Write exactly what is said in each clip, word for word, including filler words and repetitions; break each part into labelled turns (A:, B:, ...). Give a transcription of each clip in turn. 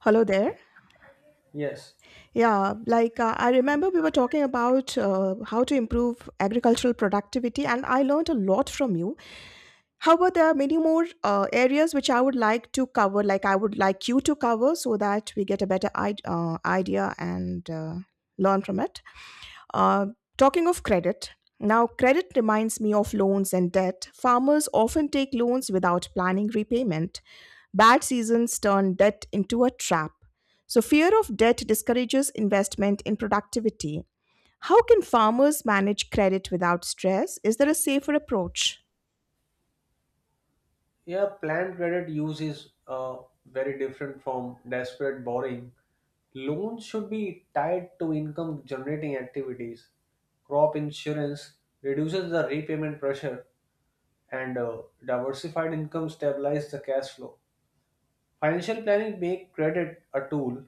A: Hello there.
B: Yes.
A: Yeah, like uh, I remember we were talking about uh, how to improve agricultural productivity, and I learned a lot from you. However, there are many more uh, areas which I would like to cover, like I would like you to cover, so that we get a better I- uh, idea and uh, learn from it. Uh, Talking of credit, now credit reminds me of loans and debt. Farmers often take loans without planning repayment. Bad seasons turn debt into a trap. So, fear of debt discourages investment in productivity. How can farmers manage credit without stress? Is there a safer approach?
B: Yeah, planned credit use is uh, very different from desperate borrowing. Loans should be tied to income generating activities. Crop insurance reduces the repayment pressure and uh, diversified income stabilizes the cash flow. Financial planning make credit a tool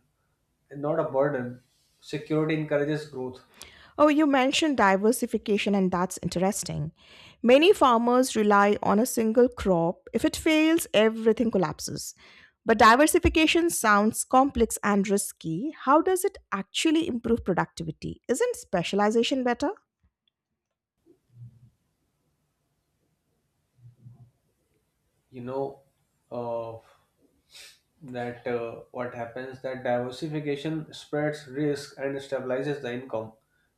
B: and not a burden. Security encourages growth.
A: Oh, you mentioned diversification, and that's interesting. Many farmers rely on a single crop. If it fails, everything collapses. But diversification sounds complex and risky. How does it actually improve productivity? Isn't specialization better?
B: You know, uh, that uh, What happens that diversification spreads risk and stabilizes the income.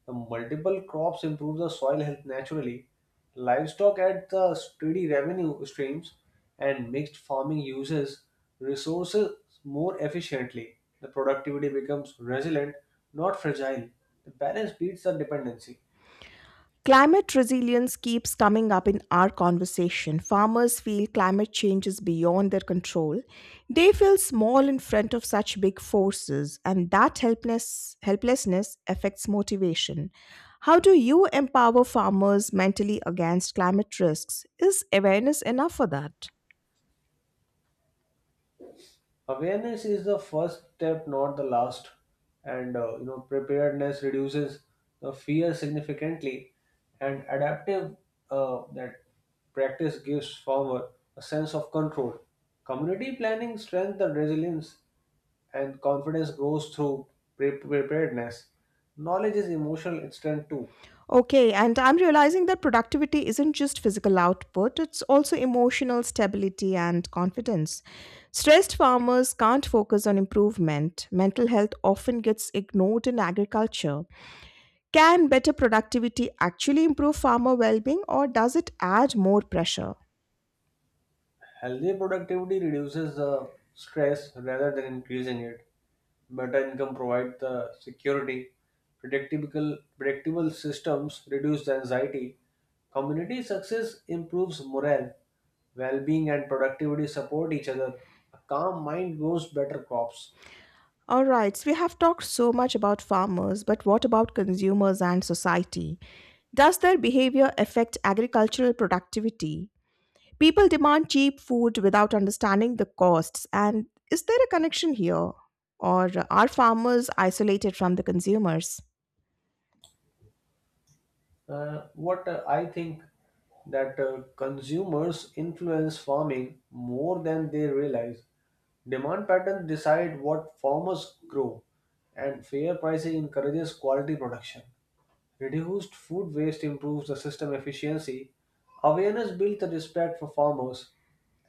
B: The multiple crops improve the soil health naturally. Livestock add the steady revenue streams, and mixed farming uses resources more efficiently. The productivity becomes resilient, not fragile. The balance beats the dependency.
A: Climate resilience keeps coming up in our conversation. Farmers feel climate change is beyond their control. They feel small in front of such big forces, and that helpless, helplessness affects motivation. How do you empower farmers mentally against climate risks? Is awareness enough for that?
B: Awareness is the first step, not the last, and uh, you know preparedness reduces the fear significantly, and adaptive uh, that practice gives farmer a sense of control. Community planning strengthens the resilience, and confidence grows through pre- preparedness. Knowledge is emotional strength too.
A: Okay, and I'm realizing that productivity isn't just physical output, it's also emotional stability and confidence. Stressed farmers can't focus on improvement. Mental health often gets ignored in agriculture. Can better productivity actually improve farmer well being, or does it add more pressure?
B: Healthy productivity reduces the stress rather than increasing it. Better income provides the security. Predictable, predictable systems reduce the anxiety. Community success improves morale. Well-being and productivity support each other. A calm mind grows better crops.
A: All right, so we have talked so much about farmers, but what about consumers and society? Does their behavior affect agricultural productivity? People demand cheap food without understanding the costs. And is there a connection here? Or are farmers isolated from the consumers?
B: Uh, what uh, I think that uh, consumers influence farming more than they realize. Demand patterns decide what farmers grow, and fair pricing encourages quality production. Reduced food waste improves the system efficiency. Awareness builds the respect for farmers.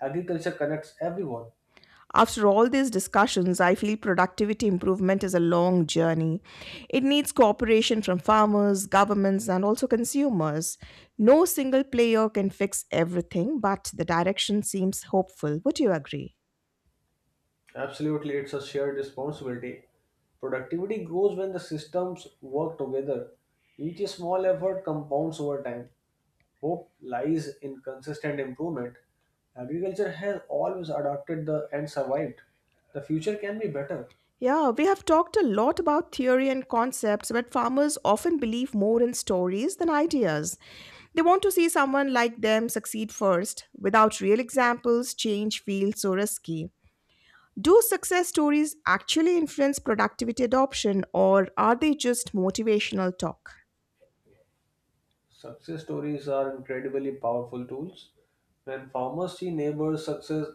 B: Agriculture connects everyone.
A: After all these discussions, I feel productivity improvement is a long journey. It needs cooperation from farmers, governments, and also consumers. No single player can fix everything, but the direction seems hopeful. Would you agree?
B: Absolutely, it's a shared responsibility. Productivity grows when the systems work together. Each small effort compounds over time. Hope lies in consistent improvement. Agriculture has always adapted the and survived. The future can be better.
A: Yeah, we have talked a lot about theory and concepts, but farmers often believe more in stories than ideas. They want to see someone like them succeed first. Without real examples, change feels so risky. Do success stories actually influence productivity adoption, or are they just motivational talk?
B: Success stories are incredibly powerful tools. When farmers see neighbors' success,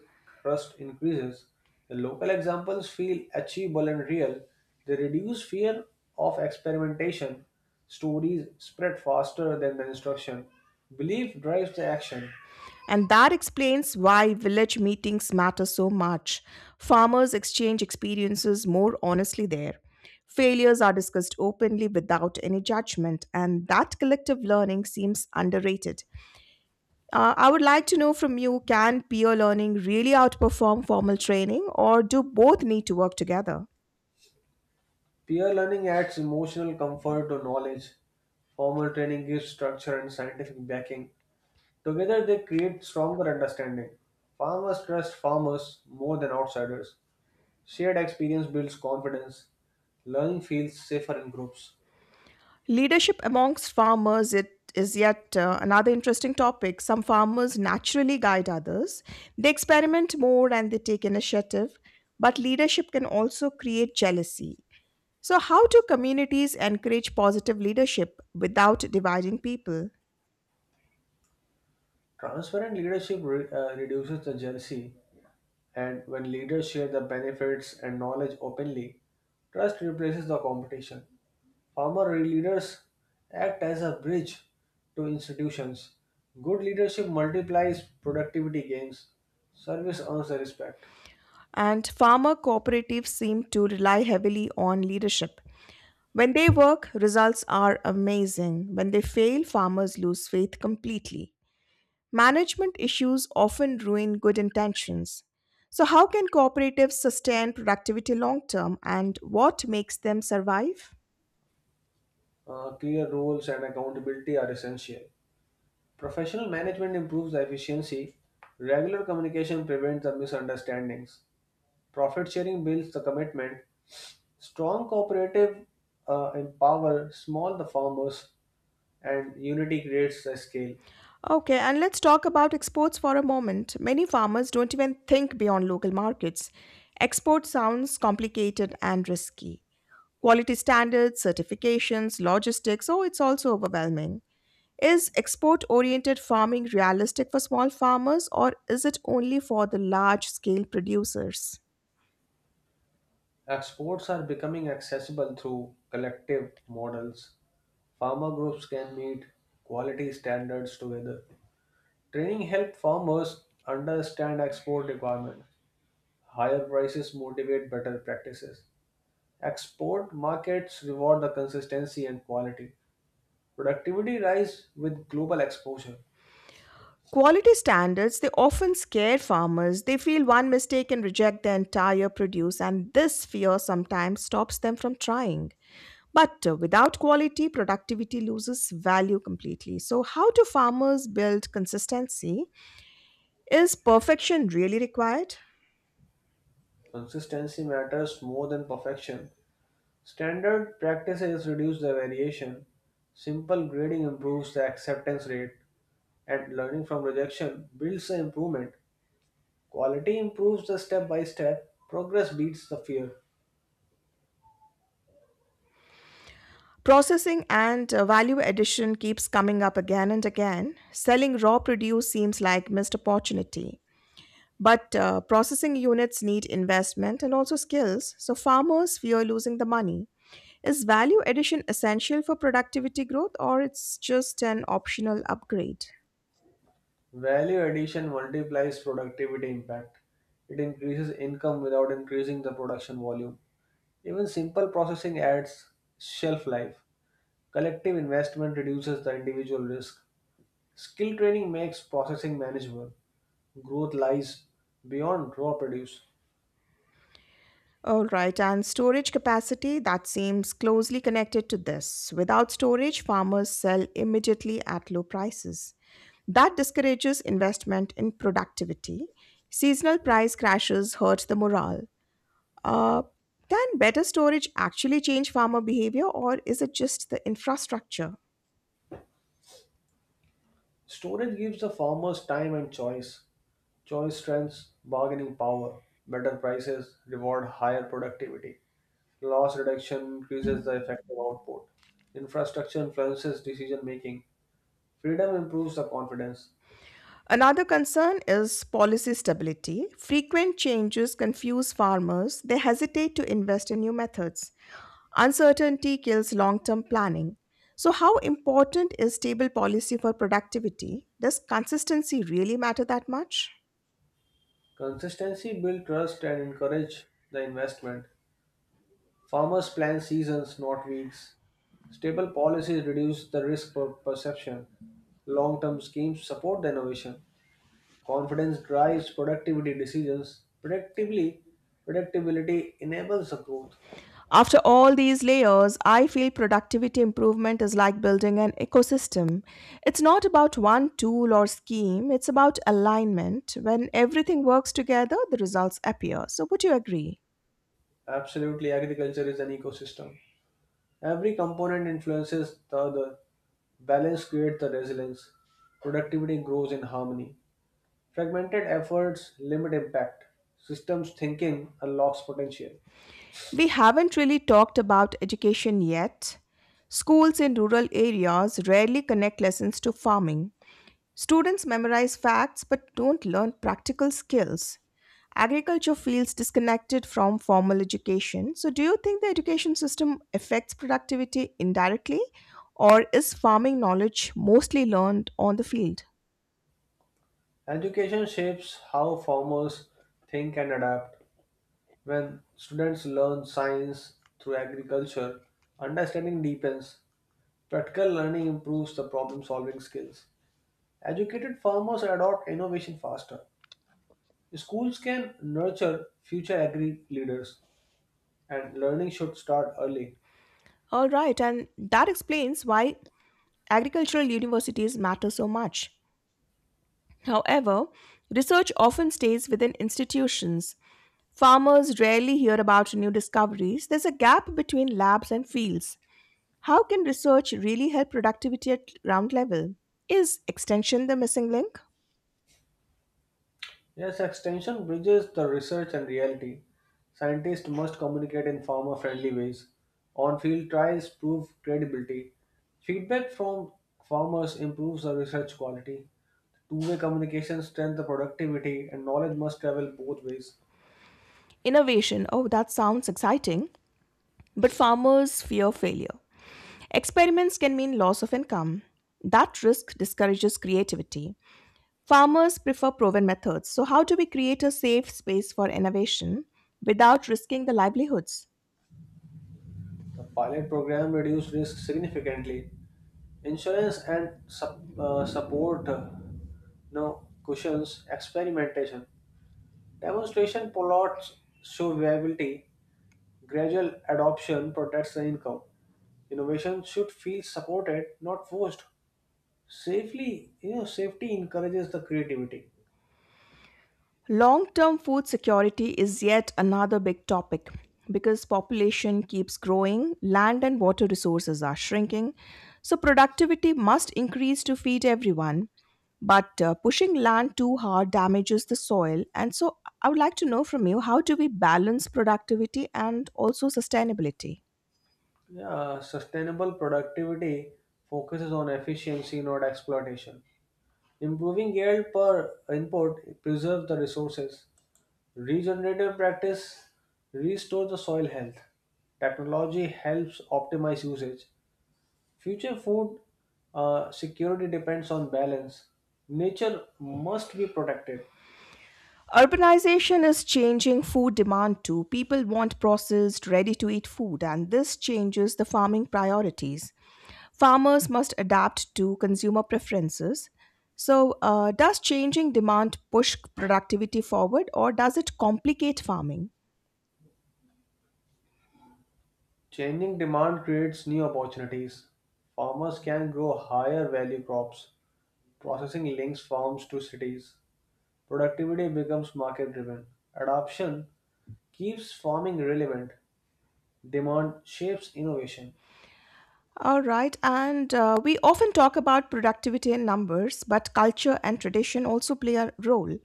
B: trust increases. The local examples feel achievable and real. They reduce fear of experimentation. Stories spread faster than the instruction. Belief drives the action.
A: And that explains why village meetings matter so much. Farmers exchange experiences more honestly there. Failures are discussed openly without any judgment, and that collective learning seems underrated. Uh, I would like to know from you, can peer learning really outperform formal training, or do both need to work together?
B: Peer learning adds emotional comfort to knowledge. Formal training gives structure and scientific backing. Together, they create stronger understanding. Farmers trust farmers more than outsiders. Shared experience builds confidence. Learning feels safer in groups.
A: Leadership amongst farmers it is yet uh, another interesting topic. Some farmers naturally guide others. They experiment more and they take initiative, but leadership can also create jealousy. So how do communities encourage positive leadership without dividing people?
B: Transparent leadership re- uh, reduces the jealousy, and when leaders share the benefits and knowledge openly, trust replaces the competition. Former leaders act as a bridge to institutions. Good leadership multiplies productivity gains. Service earns the respect.
A: And farmer cooperatives seem to rely heavily on leadership. When they work, results are amazing. When they fail, farmers lose faith completely. Management issues often ruin good intentions. So, how can cooperatives sustain productivity long term, and what makes them survive?
B: Uh, clear roles and accountability are essential. Professional management improves the efficiency. Regular communication prevents the misunderstandings. Profit sharing builds the commitment. Strong cooperative uh, empower small the farmers, and unity creates the scale.
A: Okay, and let's talk about exports for a moment. Many farmers don't even think beyond local markets. Export sounds complicated and risky. Quality standards, certifications, logistics, oh, it's also overwhelming. Is export oriented farming realistic for small farmers, or is it only for the large scale producers?
B: Exports are becoming accessible through collective models. Farmer groups can meet quality standards together. Training helps farmers understand export requirements. Higher prices motivate better practices. Export markets reward the consistency and quality. Productivity rise with global exposure.
A: Quality standards, they often scare farmers. They feel one mistake and reject the entire produce, and this fear sometimes stops them from trying. But uh, without quality, productivity loses value completely. So, how do farmers build consistency? Is perfection really required?
B: Consistency matters more than perfection. Standard practices reduce the variation. Simple grading improves the acceptance rate, and learning from rejection builds the improvement. Quality improves the step by step, progress beats the fear.
A: Processing and uh, value addition keeps coming up again and again. Selling raw produce seems like missed opportunity. But uh, processing units need investment and also skills, so farmers fear losing the money. Is value addition essential for productivity growth, or it's just an optional upgrade?
B: Value addition multiplies productivity impact. It increases income without increasing the production volume. Even simple processing adds shelf life. Collective investment reduces the individual risk. Skill training makes processing manageable. Growth lies beyond raw produce.
A: All right, and storage capacity that seems closely connected to this. Without storage, farmers sell immediately at low prices. That discourages investment in productivity. Seasonal price crashes hurt the morale. Uh, can better storage actually change farmer behavior, or is it just the infrastructure?
B: Storage gives the farmers time and choice. Choice strengths, bargaining power, better prices reward higher productivity. Loss reduction increases the effective output. Infrastructure influences decision making. Freedom improves the confidence.
A: Another concern is policy stability. Frequent changes confuse farmers, they hesitate to invest in new methods. Uncertainty kills long term planning. So, how important is stable policy for productivity? Does consistency really matter that much?
B: Consistency builds trust and encourage the investment. Farmers plan seasons, not weeks. Stable policies reduce the risk per perception. Long term schemes support the innovation. Confidence drives productivity decisions. Predictably, predictability enables the growth.
A: After all these layers, I feel productivity improvement is like building an ecosystem. It's not about one tool or scheme, it's about alignment. When everything works together, the results appear. So, would you agree?
B: Absolutely, agriculture is an ecosystem. Every component influences the other. Balance creates the resilience. Productivity grows in harmony. Fragmented efforts limit impact. Systems thinking unlocks potential.
A: We haven't really talked about education yet. Schools in rural areas rarely connect lessons to farming. Students memorize facts but don't learn practical skills. Agriculture feels disconnected from formal education. So, do you think the education system affects productivity indirectly, or is farming knowledge mostly learned on the field?
B: Education shapes how farmers think and adapt. When students learn science through agriculture, understanding deepens. Practical learning improves the problem solving skills. Educated farmers adopt innovation faster. Schools can nurture future agri leaders, and learning should start early.
A: All right, and that explains why agricultural universities matter so much. However, research often stays within institutions. Farmers rarely hear about new discoveries. There's a gap between labs and fields. How can research really help productivity at ground level? Is extension the missing link?
B: Yes, extension bridges the research and reality. Scientists must communicate in farmer friendly ways. On field trials prove credibility. Feedback from farmers improves the research quality. Two way communication strengthens the productivity, and knowledge must travel both ways.
A: Innovation, oh, that sounds exciting, but farmers fear failure. Experiments can mean loss of income. That risk discourages creativity. Farmers prefer proven methods. So, how do we create a safe space for innovation without risking the livelihoods?
B: The pilot program reduced risk significantly. Insurance and sup- uh, support uh, no cushions experimentation. Demonstration plots show viability. Gradual adoption protects the income. Innovation should feel supported, not forced. Safely, you know, safety encourages the creativity.
A: Long term food security is yet another big topic because population keeps growing, land and water resources are shrinking, so productivity must increase to feed everyone. But uh, pushing land too hard damages the soil. And so I would like to know from you, how do we balance productivity and also sustainability?
B: Yeah, sustainable productivity focuses on efficiency, not exploitation. Improving yield per input preserves the resources. Regenerative practice restore the soil health. Technology helps optimize usage. Future food uh, security depends on balance. Nature must be protected.
A: Urbanization is changing food demand too. People want processed, ready to eat food, and this changes the farming priorities. Farmers must adapt to consumer preferences. So, uh, does changing demand push productivity forward, or does it complicate farming?
B: Changing demand creates new opportunities. Farmers can grow higher value crops. Processing links farms to cities. Productivity becomes market driven. Adoption keeps farming relevant. Demand shapes innovation.
A: All right, and uh, we often talk about productivity in numbers, but culture and tradition also play a role.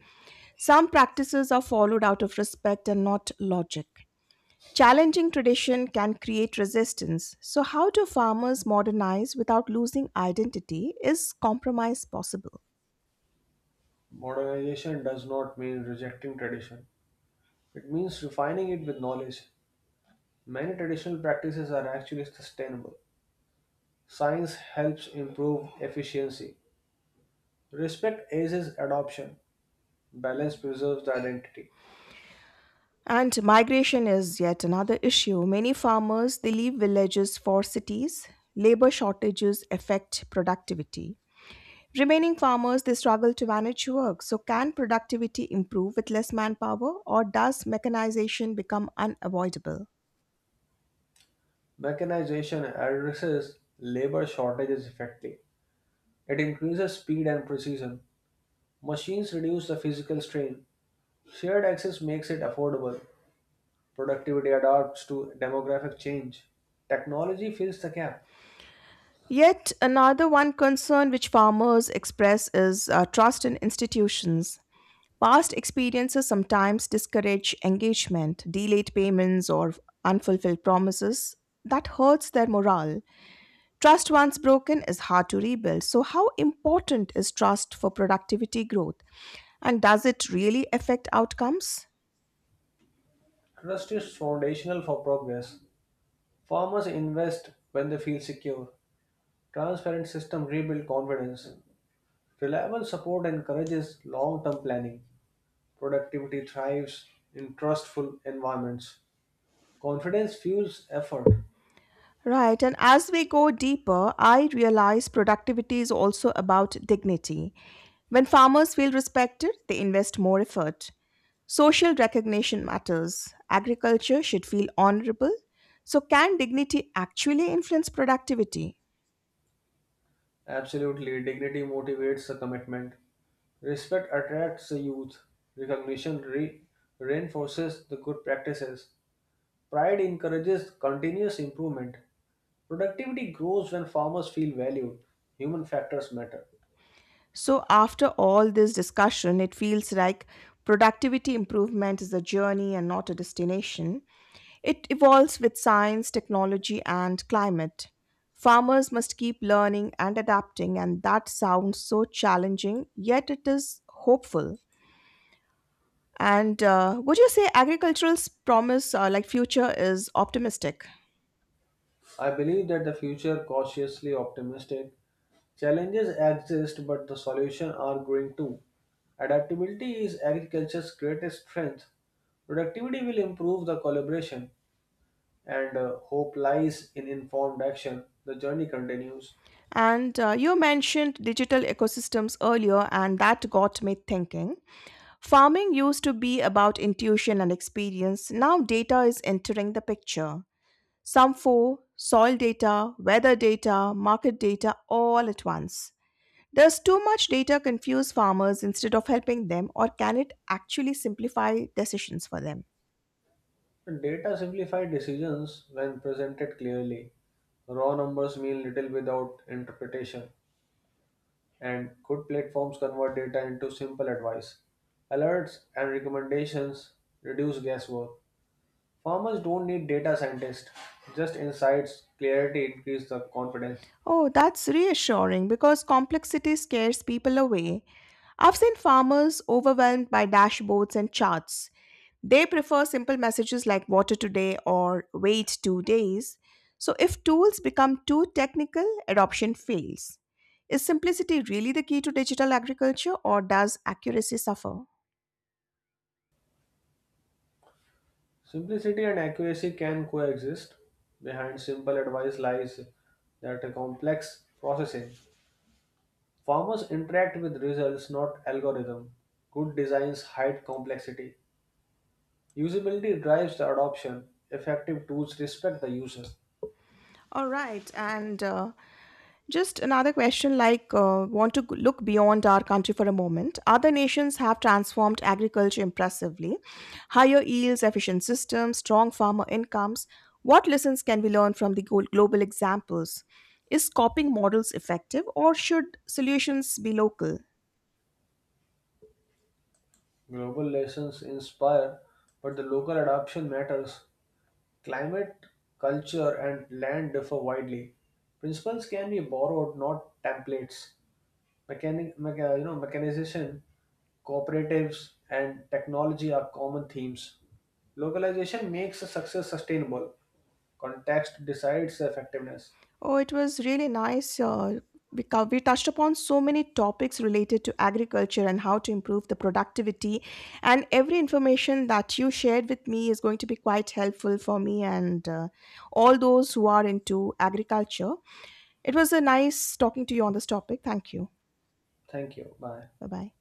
A: Some practices are followed out of respect and not logic. Challenging tradition can create resistance, so how do farmers modernize without losing identity? Is compromise possible?
B: Modernization does not mean rejecting tradition, it means refining it with knowledge. Many traditional practices are actually sustainable. Science helps improve efficiency. Respect aids adoption. Balance preserves the identity.
A: And migration is yet another issue. Many farmers they leave villages for cities. Labor shortages affect productivity. Remaining farmers they struggle to manage work. So can productivity improve with less manpower, or does mechanization become unavoidable?
B: Mechanization addresses labor shortages effectively. It increases speed and precision. Machines reduce the physical strain. Shared access makes it affordable. Productivity adapts to demographic change. Technology fills the gap.
A: Yet another one concern which farmers express is uh, trust in institutions. Past experiences sometimes discourage engagement, delayed payments, or unfulfilled promises. That hurts their morale. Trust once broken is hard to rebuild. So, how important is trust for productivity growth? And does it really affect outcomes?
B: Trust is foundational for progress. Farmers invest when they feel secure. Transparent system rebuild confidence. Reliable support encourages long-term planning. Productivity thrives in trustful environments. Confidence fuels effort.
A: Right, and as we go deeper, I realize productivity is also about dignity. When farmers feel respected, they invest more effort. Social recognition matters. Agriculture should feel honorable. So, can dignity actually influence productivity?
B: Absolutely, dignity motivates the commitment. Respect attracts the youth. Recognition re- reinforces the good practices. Pride encourages continuous improvement. Productivity grows when farmers feel valued. Human factors matter.
A: So, after all this discussion, it feels like productivity improvement is a journey and not a destination. It evolves with science, technology, and climate. Farmers must keep learning and adapting, and that sounds so challenging, yet it is hopeful. And uh, would you say agricultural's promise, uh, like future, is optimistic?
B: I believe that the future cautiously optimistic. Challenges exist, but the solutions are growing too. Adaptability is agriculture's greatest strength. Productivity will improve the collaboration, and uh, hope lies in informed action. The journey continues.
A: And uh, you mentioned digital ecosystems earlier, and that got me thinking. Farming used to be about intuition and experience. Now, data is entering the picture. Some four, soil data, weather data, market data all at once. Does too much data confuse farmers instead of helping them, or can it actually simplify decisions for them?
B: Data simplify decisions when presented clearly. Raw numbers mean little without interpretation, and good platforms convert data into simple advice. Alerts and recommendations reduce guesswork. Farmers don't need data scientists, just insights, clarity increase the confidence.
A: Oh, that's reassuring because complexity scares people away. I've seen farmers overwhelmed by dashboards and charts. They prefer simple messages like water today or wait two days. So, if tools become too technical, adoption fails. Is simplicity really the key to digital agriculture, or does accuracy suffer?
B: Simplicity and accuracy can coexist. Behind simple advice lies that a complex processing. Farmers interact with results, not algorithm. Good designs hide complexity. Usability drives the adoption. Effective tools respect the user.
A: All right, and uh, just another question like, uh, want to g- look beyond our country for a moment. Other nations have transformed agriculture impressively. Higher yields, efficient systems, strong farmer incomes. What lessons can we learn from the gol- global examples? Is copying models effective, or should solutions be local?
B: Global lessons inspire, but the local adoption matters. Climate, culture, and land differ widely. Principles can be borrowed, not templates. Mechanic, mecha, you know, mechanization, cooperatives, and technology are common themes. Localization makes a success sustainable. Context decides effectiveness.
A: Oh, it was really nice. Uh, we, co- we touched upon so many topics related to agriculture and how to improve the productivity. And every information that you shared with me is going to be quite helpful for me and uh, all those who are into agriculture. It was a nice talking to you on this topic. Thank you.
B: Thank you. Bye.
A: Bye bye.